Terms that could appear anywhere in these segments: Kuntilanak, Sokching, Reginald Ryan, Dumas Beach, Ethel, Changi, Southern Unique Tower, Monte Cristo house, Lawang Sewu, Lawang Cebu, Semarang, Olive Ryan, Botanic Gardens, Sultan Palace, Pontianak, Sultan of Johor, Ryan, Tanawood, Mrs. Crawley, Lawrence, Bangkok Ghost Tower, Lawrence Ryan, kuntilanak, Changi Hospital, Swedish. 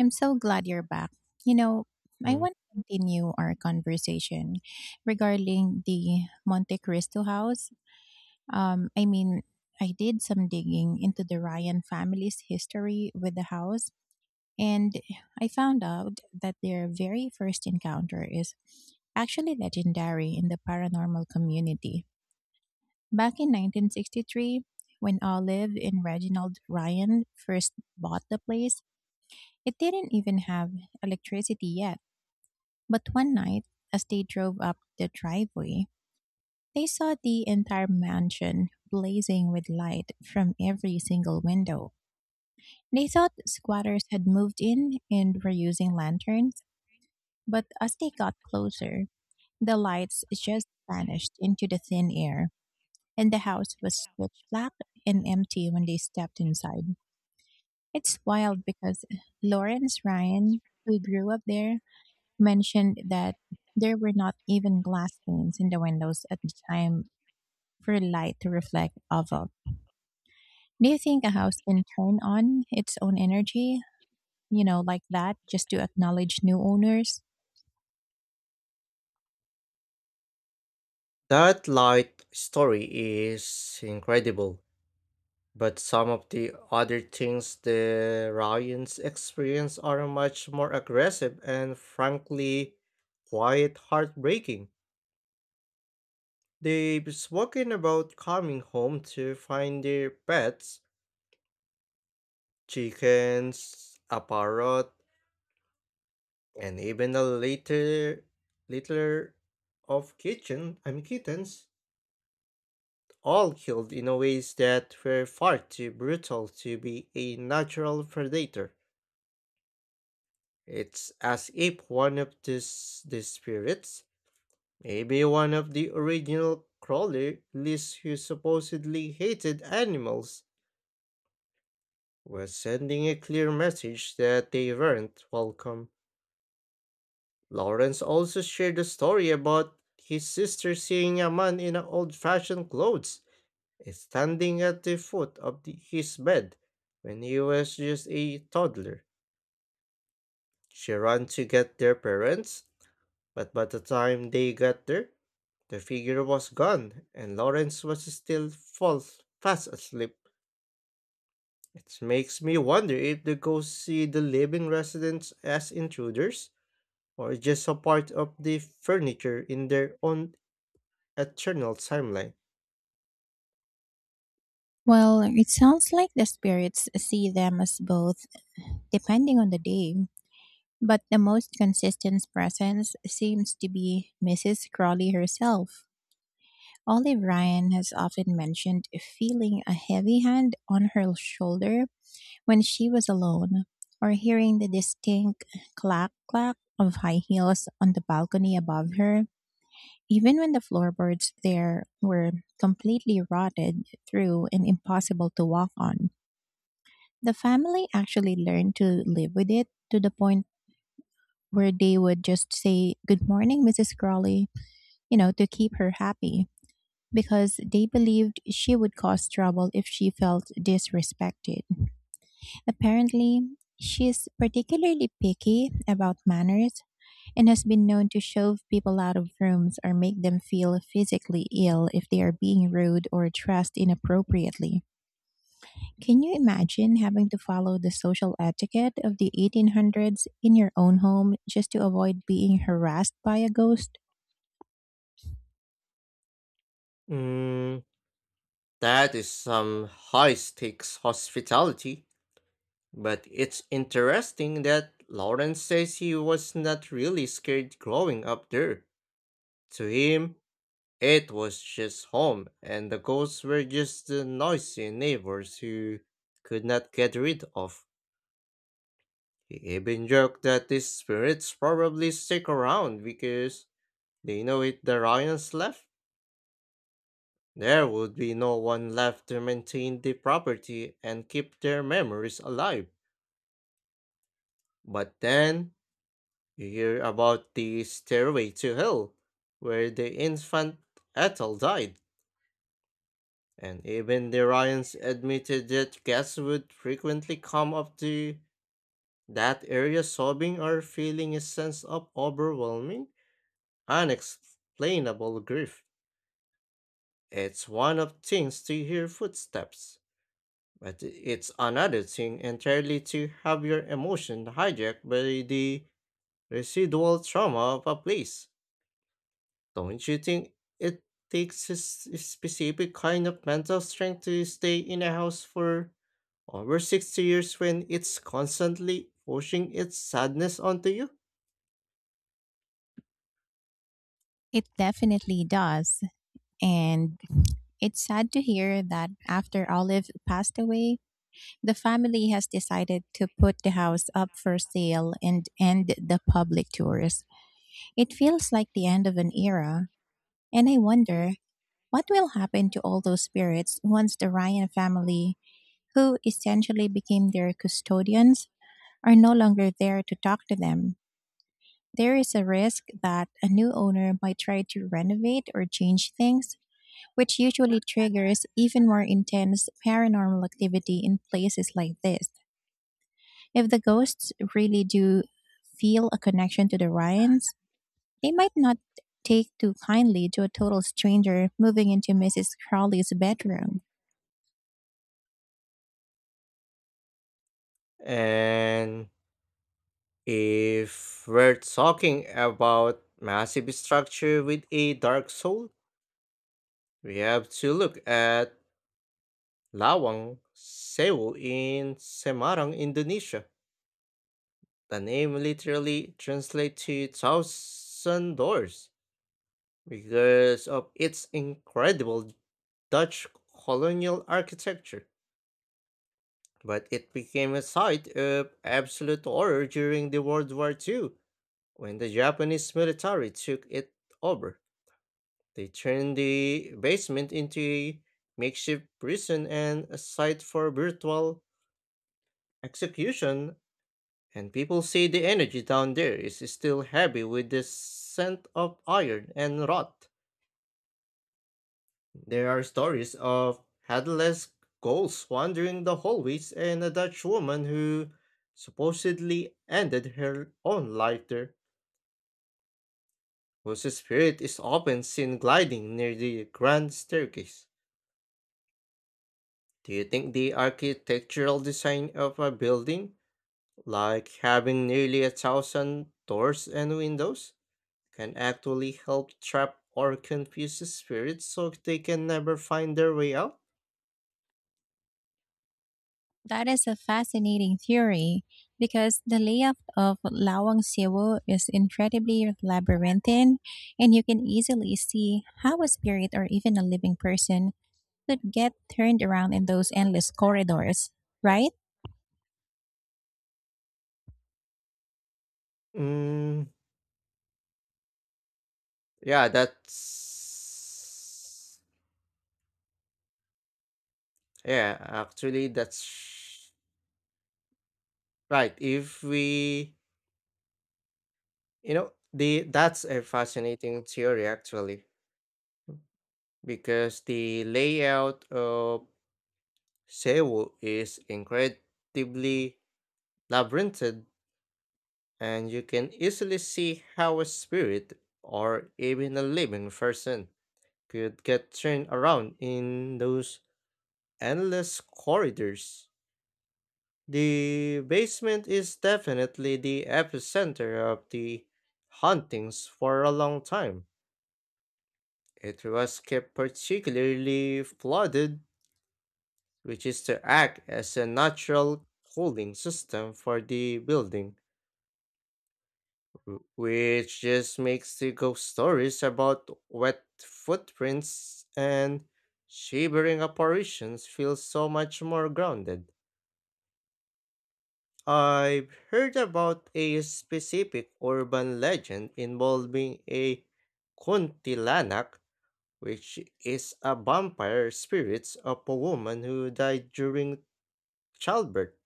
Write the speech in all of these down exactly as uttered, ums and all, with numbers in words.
I'm so glad you're back. You know, I Mm. want to continue our conversation regarding the Monte Cristo house. Um, I mean, I did some digging into the Ryan family's history with the house, and I found out that their very first encounter is actually legendary in the paranormal community. Back in nineteen sixty-three, when Olive and Reginald Ryan first bought the place, it didn't even have electricity yet. But one night, as they drove up the driveway, they saw the entire mansion blazing with light from every single window. They thought squatters had moved in and were using lanterns, but as they got closer, the lights just vanished into the thin air, and the house was pitch black and empty when they stepped inside. It's wild because Lawrence Ryan, who grew up there, mentioned that there were not even glass panes in the windows at the time for light to reflect off of. Do you think a house can turn on its own energy, you know, like that, just to acknowledge new owners? That light story is incredible, but some of the other things the Ryans experience are much more aggressive and frankly quite heartbreaking. They've spoken about coming home to find their pets, chickens, a parrot, and even a litter litter of kitchen I mean kittens, all killed in ways that were far too brutal to be a natural predator. It's as if one of this, the spirits, maybe one of the original crawlies who supposedly hated animals, was sending a clear message that they weren't welcome. Lawrence also shared a story about his sister seeing a man in old fashioned clothes standing at the foot of the, his bed when he was just a toddler. She ran to get their parents, but by the time they got there, the figure was gone and Lawrence was still fall fast asleep. It makes me wonder if the ghosts see the living residents as intruders or just a part of the furniture in their own eternal timeline. Well, it sounds like the spirits see them as both, depending on the day. But the most consistent presence seems to be missus Crawley herself. Olive Ryan has often mentioned feeling a heavy hand on her shoulder when she was alone, or hearing the distinct clack clack of high heels on the balcony above her, even when the floorboards there were completely rotted through and impossible to walk on. The family actually learned to live with it, to the point where they would just say, "Good morning, missus Crawley," you know, to keep her happy, because they believed she would cause trouble if she felt disrespected. Apparently, she is particularly picky about manners and has been known to shove people out of rooms or make them feel physically ill if they are being rude or dressed inappropriately. Can you imagine having to follow the social etiquette of the eighteen hundreds in your own home just to avoid being harassed by a ghost? Mm, that is some high stakes hospitality. But it's interesting that Lawrence says he was not really scared growing up there. To him, it was just home, and the ghosts were just the noisy neighbors who could not get rid of. He even joked that these spirits probably stick around because they know if the Ryans left, there would be no one left to maintain the property and keep their memories alive. But then, you hear about the Stairway to Hell, where the infant Ethel died, and even the Ryans admitted that guests would frequently come up to that area sobbing or feeling a sense of overwhelming, unexplainable grief. It's one of things to hear footsteps, but it's another thing entirely to have your emotion hijacked by the residual trauma of a place. Don't you think it takes a s- a specific kind of mental strength to stay in a house for over sixty years when it's constantly pushing its sadness onto you? It definitely does. And it's sad to hear that after Olive passed away, the family has decided to put the house up for sale and end the public tours. It feels like the end of an era, and I wonder what will happen to all those spirits once the Ryan family, who essentially became their custodians, are no longer there to talk to them. There is a risk that a new owner might try to renovate or change things, which usually triggers even more intense paranormal activity in places like this. If the ghosts really do feel a connection to the Ryans, they might not take too kindly to a total stranger moving into missus Crowley's bedroom. And if we're talking about massive structure with a dark soul, we have to look at Lawang Sewu in Semarang, Indonesia. The name literally translates to thousand doors because of its incredible Dutch colonial architecture. But it became a site of absolute horror during the World War the second when the Japanese military took it over. They turned the basement into a makeshift prison and a site for brutal execution, and people say the energy down there is still heavy with the scent of iron and rot. There are stories of headless ghosts wandering the hallways and a Dutch woman who supposedly ended her own life there, whose spirit is often seen gliding near the grand staircase. Do you think the architectural design of a building, like having nearly a thousand doors and windows, can actually help trap or confuse the spirits so they can never find their way out? That is a fascinating theory, because the layout of Lawang Sewu is incredibly labyrinthine, and you can easily see how a spirit or even a living person could get turned around in those endless corridors, right? Mm, yeah, that's. Yeah, actually, that's right. If we, you know, the That's a fascinating theory actually, because the layout of Sewu is incredibly labyrinthine, and you can easily see how a spirit or even a living person could get turned around in those endless corridors. The basement is definitely the epicenter of the hauntings for a long time. It was kept particularly flooded, which is to act as a natural cooling system for the building, w- which just makes the ghost stories about wet footprints and shivering apparitions feel so much more grounded. I've heard about a specific urban legend involving a kuntilanak, which is a vampire spirit of a woman who died during childbirth,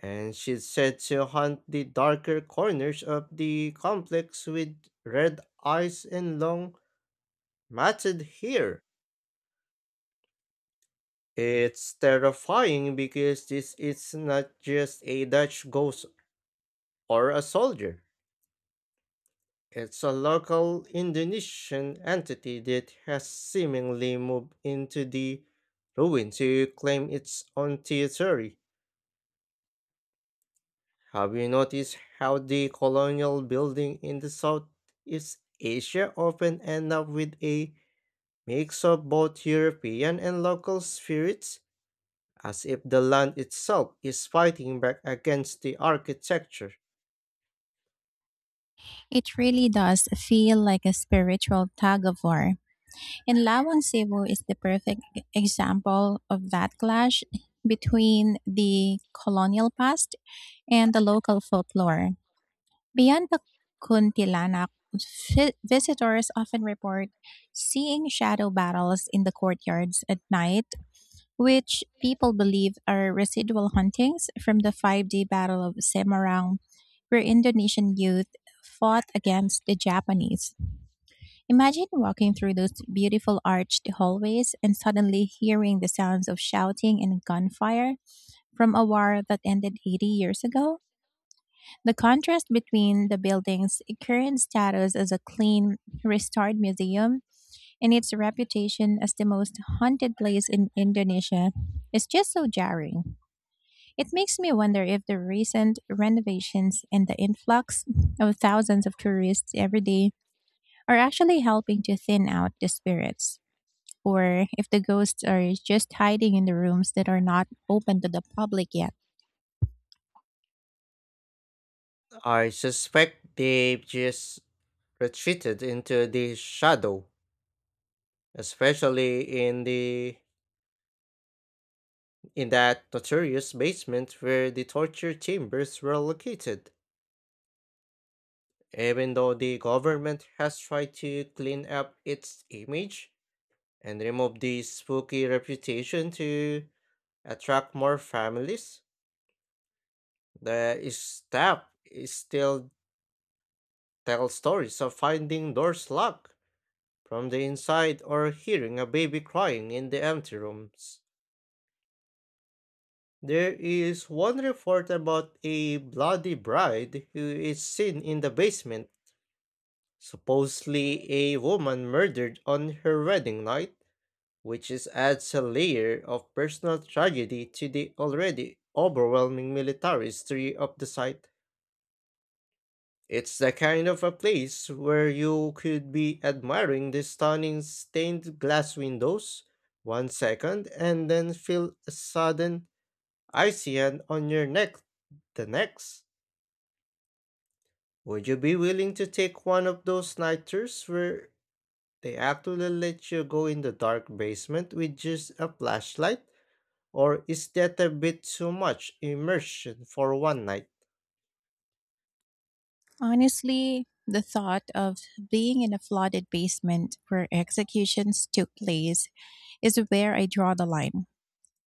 and she's said to haunt the darker corners of the complex with red eyes and long matted hair. It's terrifying because this is not just a Dutch ghost or a soldier. It's a local Indonesian entity that has seemingly moved into the ruin to claim its own territory. Have you noticed how the colonial building in the Southeast Asia often end up with a mix of both European and local spirits, as if the land itself is fighting back against the architecture? It really does feel like a spiritual tug of war. And Lawang Cebu is the perfect e- example of that clash between the colonial past and the local folklore. Beyond the Kuntilanak, vi- visitors often report seeing shadow battles in the courtyards at night, which people believe are residual huntings from the five day Battle of Semarang, where Indonesian youth fought against the Japanese. Imagine walking through those beautiful arched hallways and suddenly hearing the sounds of shouting and gunfire from a war that ended eighty years ago. The contrast between the building's current status as a clean, restored museum and its reputation as the most haunted place in Indonesia is just so jarring. It makes me wonder if the recent renovations and the influx of thousands of tourists every day are actually helping to thin out the spirits, or if the ghosts are just hiding in the rooms that are not open to the public yet. I suspect they've just retreated into the shadow, especially in the in that notorious basement where the torture chambers were located. Even though the government has tried to clean up its image and remove the spooky reputation to attract more families, the staff is still tell stories of finding doors locked from the inside or hearing a baby crying in the empty rooms. There is one report about a bloody bride who is seen in the basement, supposedly a woman murdered on her wedding night, which is adds a layer of personal tragedy to the already overwhelming military history of the site. It's the kind of a place where you could be admiring the stunning stained glass windows one second and then feel a sudden icy hand on your neck the next. Would you be willing to take one of those nighters where they actually let you go in the dark basement with just a flashlight? Or is that a bit too much immersion for one night? Honestly, the thought of being in a flooded basement where executions took place is where I draw the line.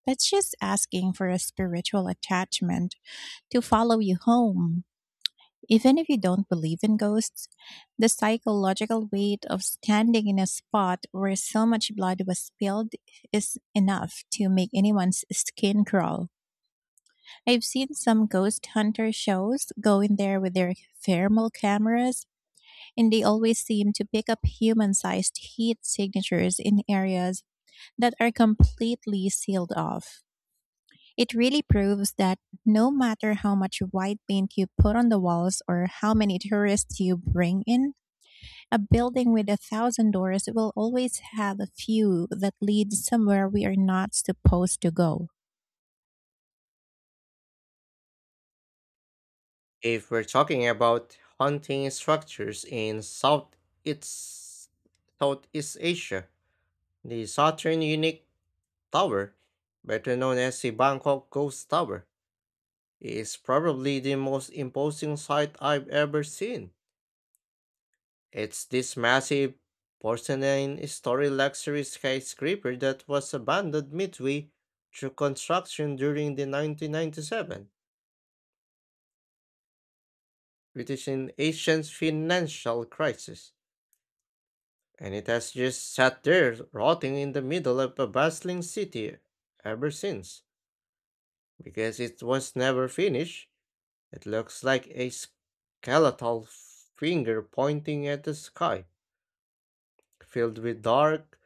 That's just asking for a spiritual attachment to follow you home. Even if you don't believe in ghosts, the psychological weight of standing in a spot where so much blood was spilled is enough to make anyone's skin crawl. I've seen some ghost hunter shows go in there with their thermal cameras, and they always seem to pick up human sized heat signatures in areas that are completely sealed off. It really proves that no matter how much white paint you put on the walls or how many tourists you bring in, a building with a thousand doors will always have a few that lead somewhere we are not supposed to go. If we're talking about haunting structures in South it's Southeast Asia, the Southern Unique Tower, better known as the Bangkok Ghost Tower, is probably the most imposing sight I've ever seen. It's this massive porcelain story luxury skyscraper that was abandoned midway through construction during the nineteen ninety-seven British and Asian financial crisis, and it has just sat there rotting in the middle of a bustling city ever since. Because it was never finished, it looks like a skeletal finger pointing at the sky, filled with dark,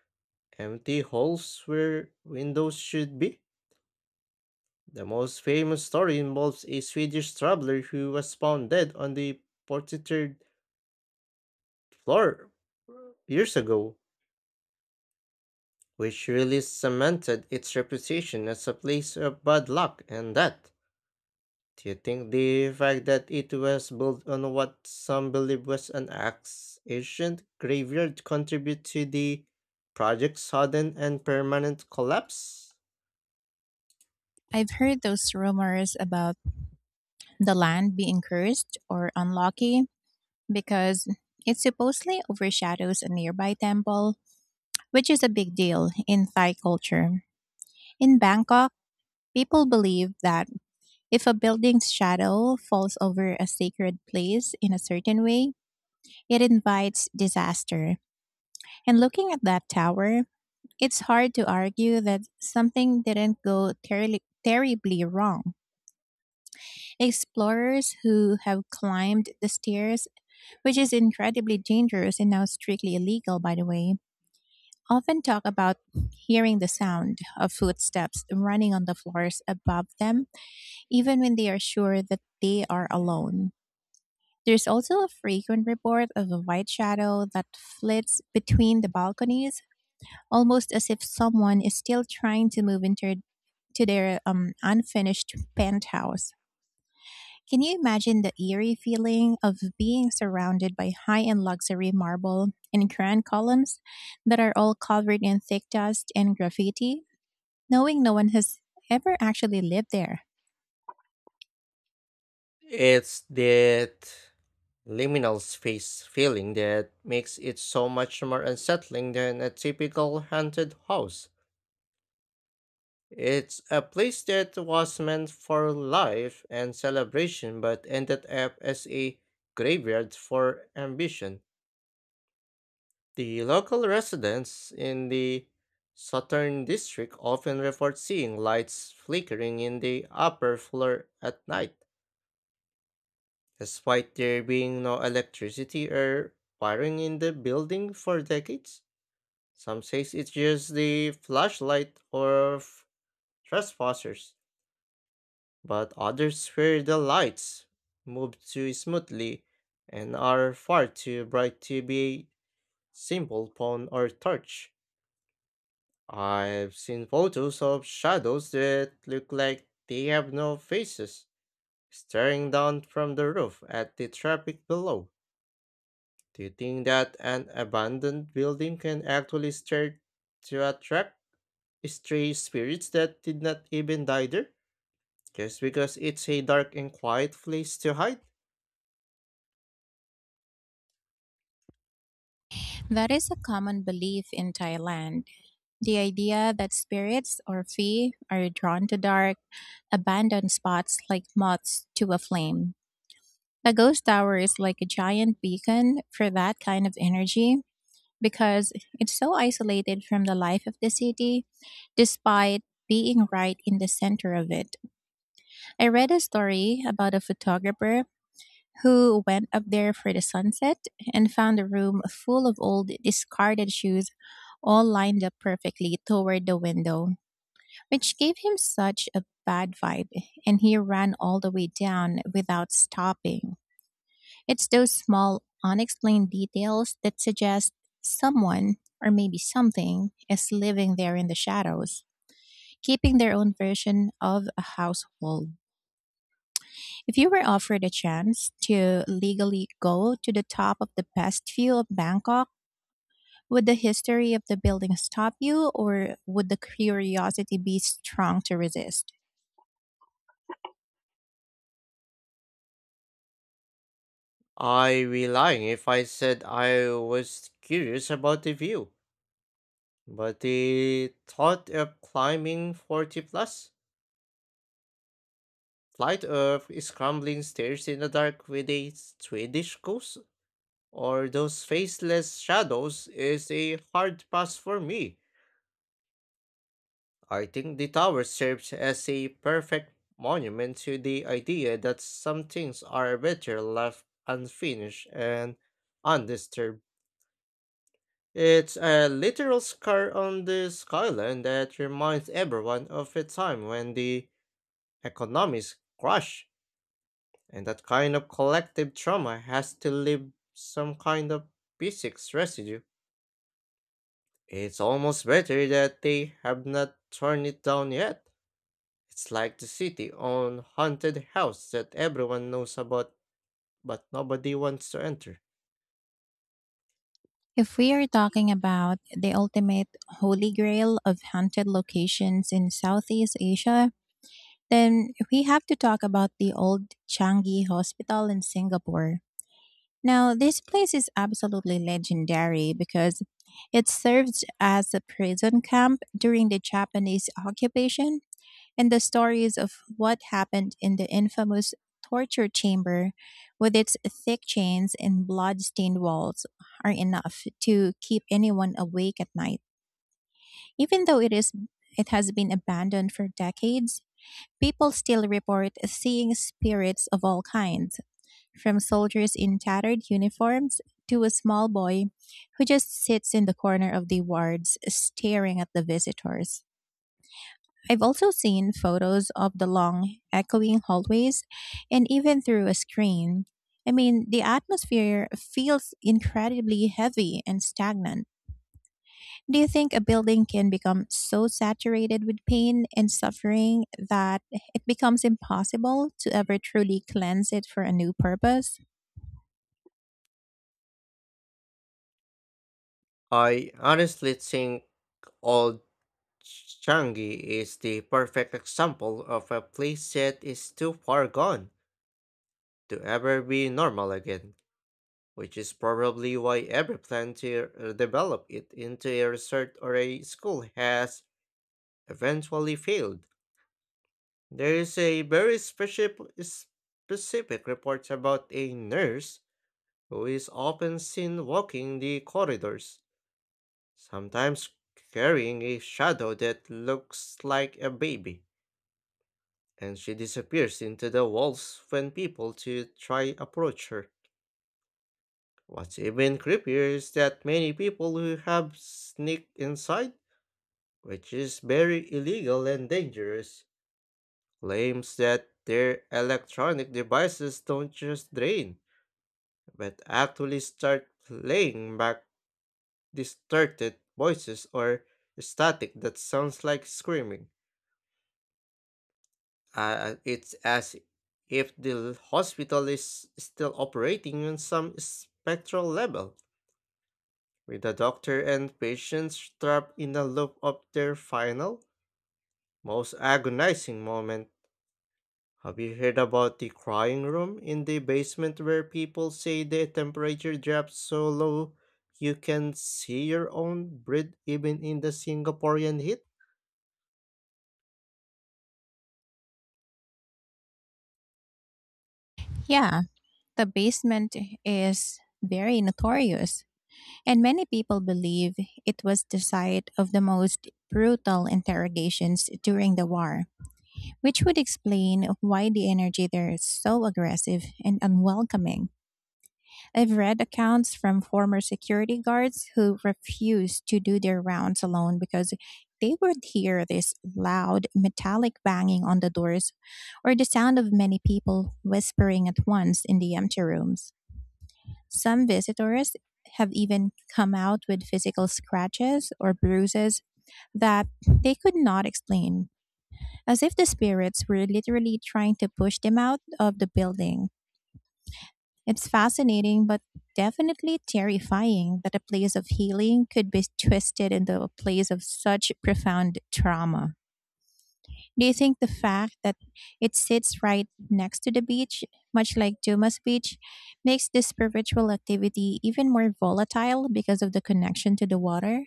empty holes where windows should be. The most famous story involves a Swedish traveler who was found dead on the forty-third floor years ago, which really cemented its reputation as a place of bad luck and death. Do you think the fact that it was built on what some believe was an axe ancient graveyard contribute to the project's sudden and permanent collapse? I've heard those rumors about the land being cursed or unlucky because it supposedly overshadows a nearby temple, which is a big deal in Thai culture. In Bangkok, people believe that if a building's shadow falls over a sacred place in a certain way, it invites disaster. And looking at that tower, it's hard to argue that something didn't go terribly, terribly wrong. Explorers who have climbed the stairs, which is incredibly dangerous and now strictly illegal, by the way, often talk about hearing the sound of footsteps running on the floors above them, even when they are sure that they are alone. There's also a frequent report of a white shadow that flits between the balconies, almost as if someone is still trying to move into to their um, unfinished penthouse. Can you imagine the eerie feeling of being surrounded by high end luxury marble and grand columns that are all covered in thick dust and graffiti, knowing no one has ever actually lived there? It's that liminal space feeling that makes it so much more unsettling than a typical haunted house. It's a place that was meant for life and celebration but ended up as a graveyard for ambition. The local residents in the southern district often report seeing lights flickering in the upper floor at night, despite there being no electricity or wiring in the building for decades. Some say it's just the flashlight of trespassers, but others swear the lights move too smoothly and are far too bright to be a simple phone or torch. I've seen photos of shadows that look like they have no faces, staring down from the roof at the traffic below. Do you think that an abandoned building can actually start to attract stray spirits that did not even die there? Just because it's a dark and quiet place to hide? That is a common belief in Thailand, the idea that spirits or fee are drawn to dark, abandoned spots like moths to a flame. A ghost tower is like a giant beacon for that kind of energy, because it's so isolated from the life of the city, despite being right in the center of it. I read a story about a photographer who went up there for the sunset and found a room full of old, discarded shoes, all lined up perfectly toward the window, which gave him such a bad vibe, and he ran all the way down without stopping. It's those small, unexplained details that suggest someone, or maybe something, is living there in the shadows, keeping their own version of a household. If you were offered a chance to legally go to the top of the best view of Bangkok, would the history of the building stop you, or would the curiosity be strong to resist? I'd be lying if I said I was curious about the view, but the thought of climbing forty plus flight of scrambling stairs in the dark with a Swedish ghost or those faceless shadows is a hard pass for me. I think the tower serves as a perfect monument to the idea that some things are better left unfinished and undisturbed. It's a literal scar on the skyline that reminds everyone of a time when the economies crashed, and that kind of collective trauma has to leave some kind of physics residue. It's almost better that they have not torn it down yet. It's like the city on haunted house that everyone knows about but nobody wants to enter. If we are talking about the ultimate holy grail of haunted locations in Southeast Asia, then we have to talk about the old Changi Hospital in Singapore. Now, this place is absolutely legendary because it served as a prison camp during the Japanese occupation, and the stories of what happened in the infamous torture chamber with its thick chains and blood-stained walls are enough to keep anyone awake at night. Even though it is it has been abandoned for decades, people still report seeing spirits of all kinds, from soldiers in tattered uniforms to a small boy who just sits in the corner of the wards staring at the visitors. I've also seen photos of the long, echoing hallways, and even through a screen, I mean, the atmosphere feels incredibly heavy and stagnant. Do you think a building can become so saturated with pain and suffering that it becomes impossible to ever truly cleanse it for a new purpose? I honestly think Old Changi is the perfect example of a place that is too far gone to ever be normal again, which is probably why every plan to uh, develop it into a resort or a school has eventually failed. There is a very specific specific report about a nurse who is often seen walking the corridors, sometimes carrying a shadow that looks like a baby, and she disappears into the walls when people to try approach her. What's even creepier is that many people who have sneaked inside, which is very illegal and dangerous, claims that their electronic devices don't just drain, but actually start playing back distorted voices or static that sounds like screaming. Uh, it's as if the hospital is still operating on some spectral level, with the doctor and patients trapped in the loop of their final, most agonizing moment. Have you heard about the crying room in the basement where people say the temperature drops so low you can see your own breath even in the Singaporean heat? Yeah, the basement is very notorious. And many people believe it was the site of the most brutal interrogations during the war, which would explain why the energy there is so aggressive and unwelcoming. I've read accounts from former security guards who refused to do their rounds alone because they would hear this loud metallic banging on the doors, or the sound of many people whispering at once in the empty rooms. Some visitors have even come out with physical scratches or bruises that they could not explain, as if the spirits were literally trying to push them out of the building. It's fascinating, but definitely terrifying, that a place of healing could be twisted into a place of such profound trauma. Do you think the fact that it sits right next to the beach, much like Dumas Beach, makes this spiritual activity even more volatile because of the connection to the water?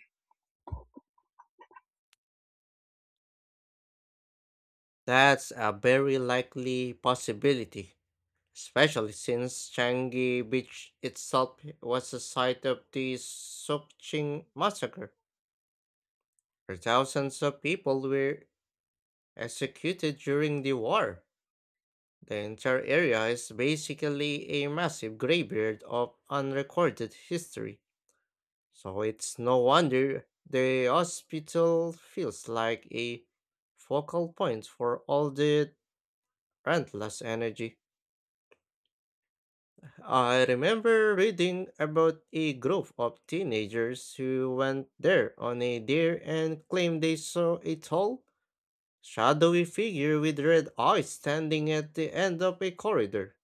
That's a very likely possibility, especially since Changi Beach itself was the site of the Sokching massacre, where thousands of people were executed during the war. The entire area is basically a massive graveyard of unrecorded history, so it's no wonder the hospital feels like a focal point for all the relentless energy. I remember reading about a group of teenagers who went there on a dare and claimed they saw a tall, shadowy figure with red eyes standing at the end of a corridor.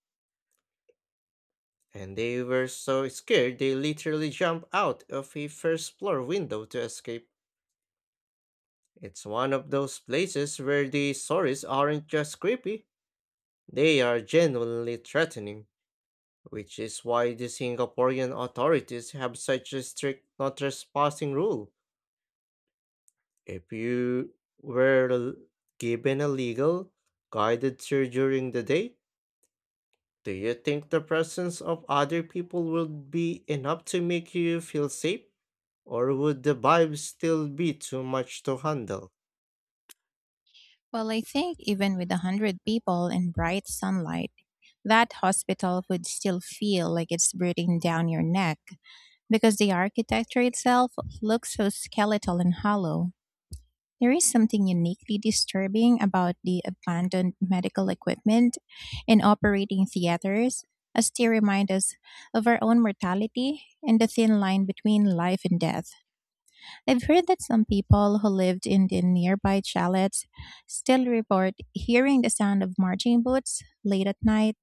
And they were so scared they literally jumped out of a first floor window to escape. It's one of those places where the stories aren't just creepy, they are genuinely threatening, which is why the Singaporean authorities have such a strict no trespassing rule. If you were l- given a legal, guided tour during the day, do you think the presence of other people would be enough to make you feel safe? Or would the vibe still be too much to handle? Well, I think even with a hundred people and bright sunlight, that hospital would still feel like it's breathing down your neck, because the architecture itself looks so skeletal and hollow. There is something uniquely disturbing about the abandoned medical equipment in operating theaters, as they remind us of our own mortality and the thin line between life and death. I've heard that some people who lived in the nearby chalets still report hearing the sound of marching boots late at night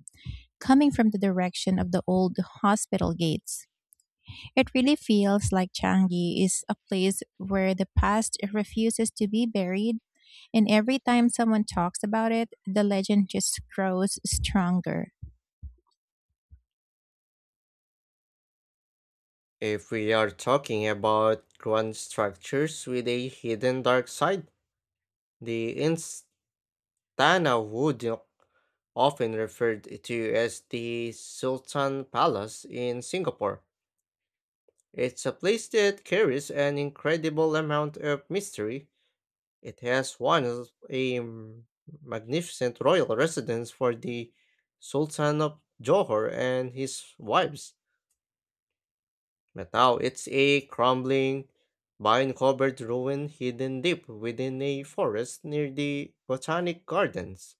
coming from the direction of the old hospital gates. It really feels like Changi is a place where the past refuses to be buried, and every time someone talks about it, the legend just grows stronger. If we are talking about grand structures with a hidden dark side, the ins. Tanawood, often referred to as the Sultan Palace in Singapore. It's a place that carries an incredible amount of mystery. It has one of a m- magnificent royal residence for the Sultan of Johor and his wives, but now it's a crumbling, vine-covered ruin hidden deep within a forest near the Botanic Gardens.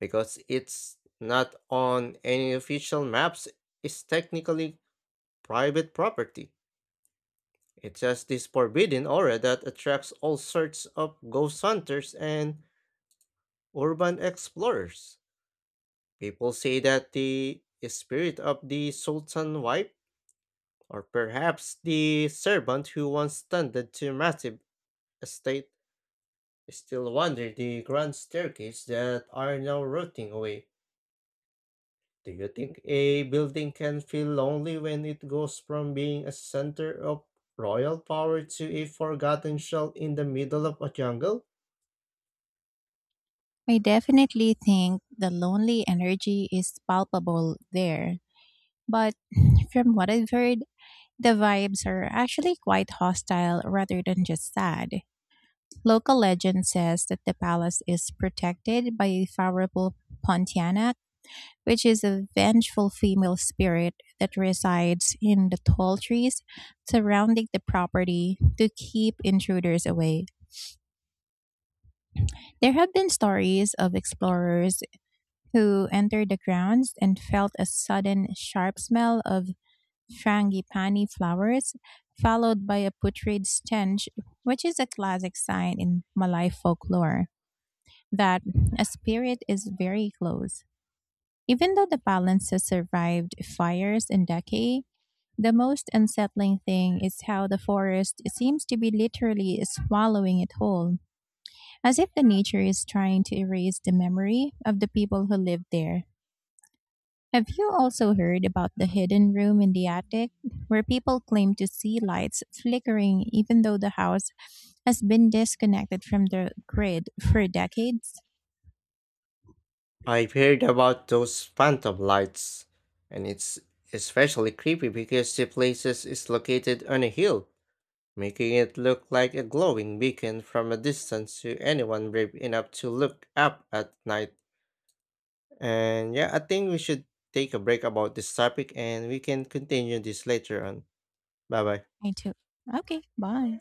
Because it's not on any official maps, is technically private property. It's just this forbidden aura that attracts all sorts of ghost hunters and urban explorers. People say that the spirit of the Sultan wife, or perhaps the servant who once tended to massive estate, still wander the grand staircase that are now rotting away. Do you think a building can feel lonely when it goes from being a center of royal power to a forgotten shell in the middle of a jungle? I definitely think the lonely energy is palpable there. But from what I've heard, the vibes are actually quite hostile rather than just sad. Local legend says that the palace is protected by a powerful Pontianak, which is a vengeful female spirit that resides in the tall trees surrounding the property to keep intruders away. There have been stories of explorers who entered the grounds and felt a sudden sharp smell of frangipani flowers, followed by a putrid stench, which is a classic sign in Malay folklore that a spirit is very close. Even though the palaces survived fires and decay, the most unsettling thing is how the forest seems to be literally swallowing it whole, as if the nature is trying to erase the memory of the people who lived there. Have you also heard about the hidden room in the attic where people claim to see lights flickering even though the house has been disconnected from the grid for decades? I've heard about those phantom lights, and it's especially creepy because the place is located on a hill, making it look like a glowing beacon from a distance to anyone brave enough to look up at night. And yeah, I think we should take a break about this topic and we can continue this later on. Bye bye. I too. Okay, bye.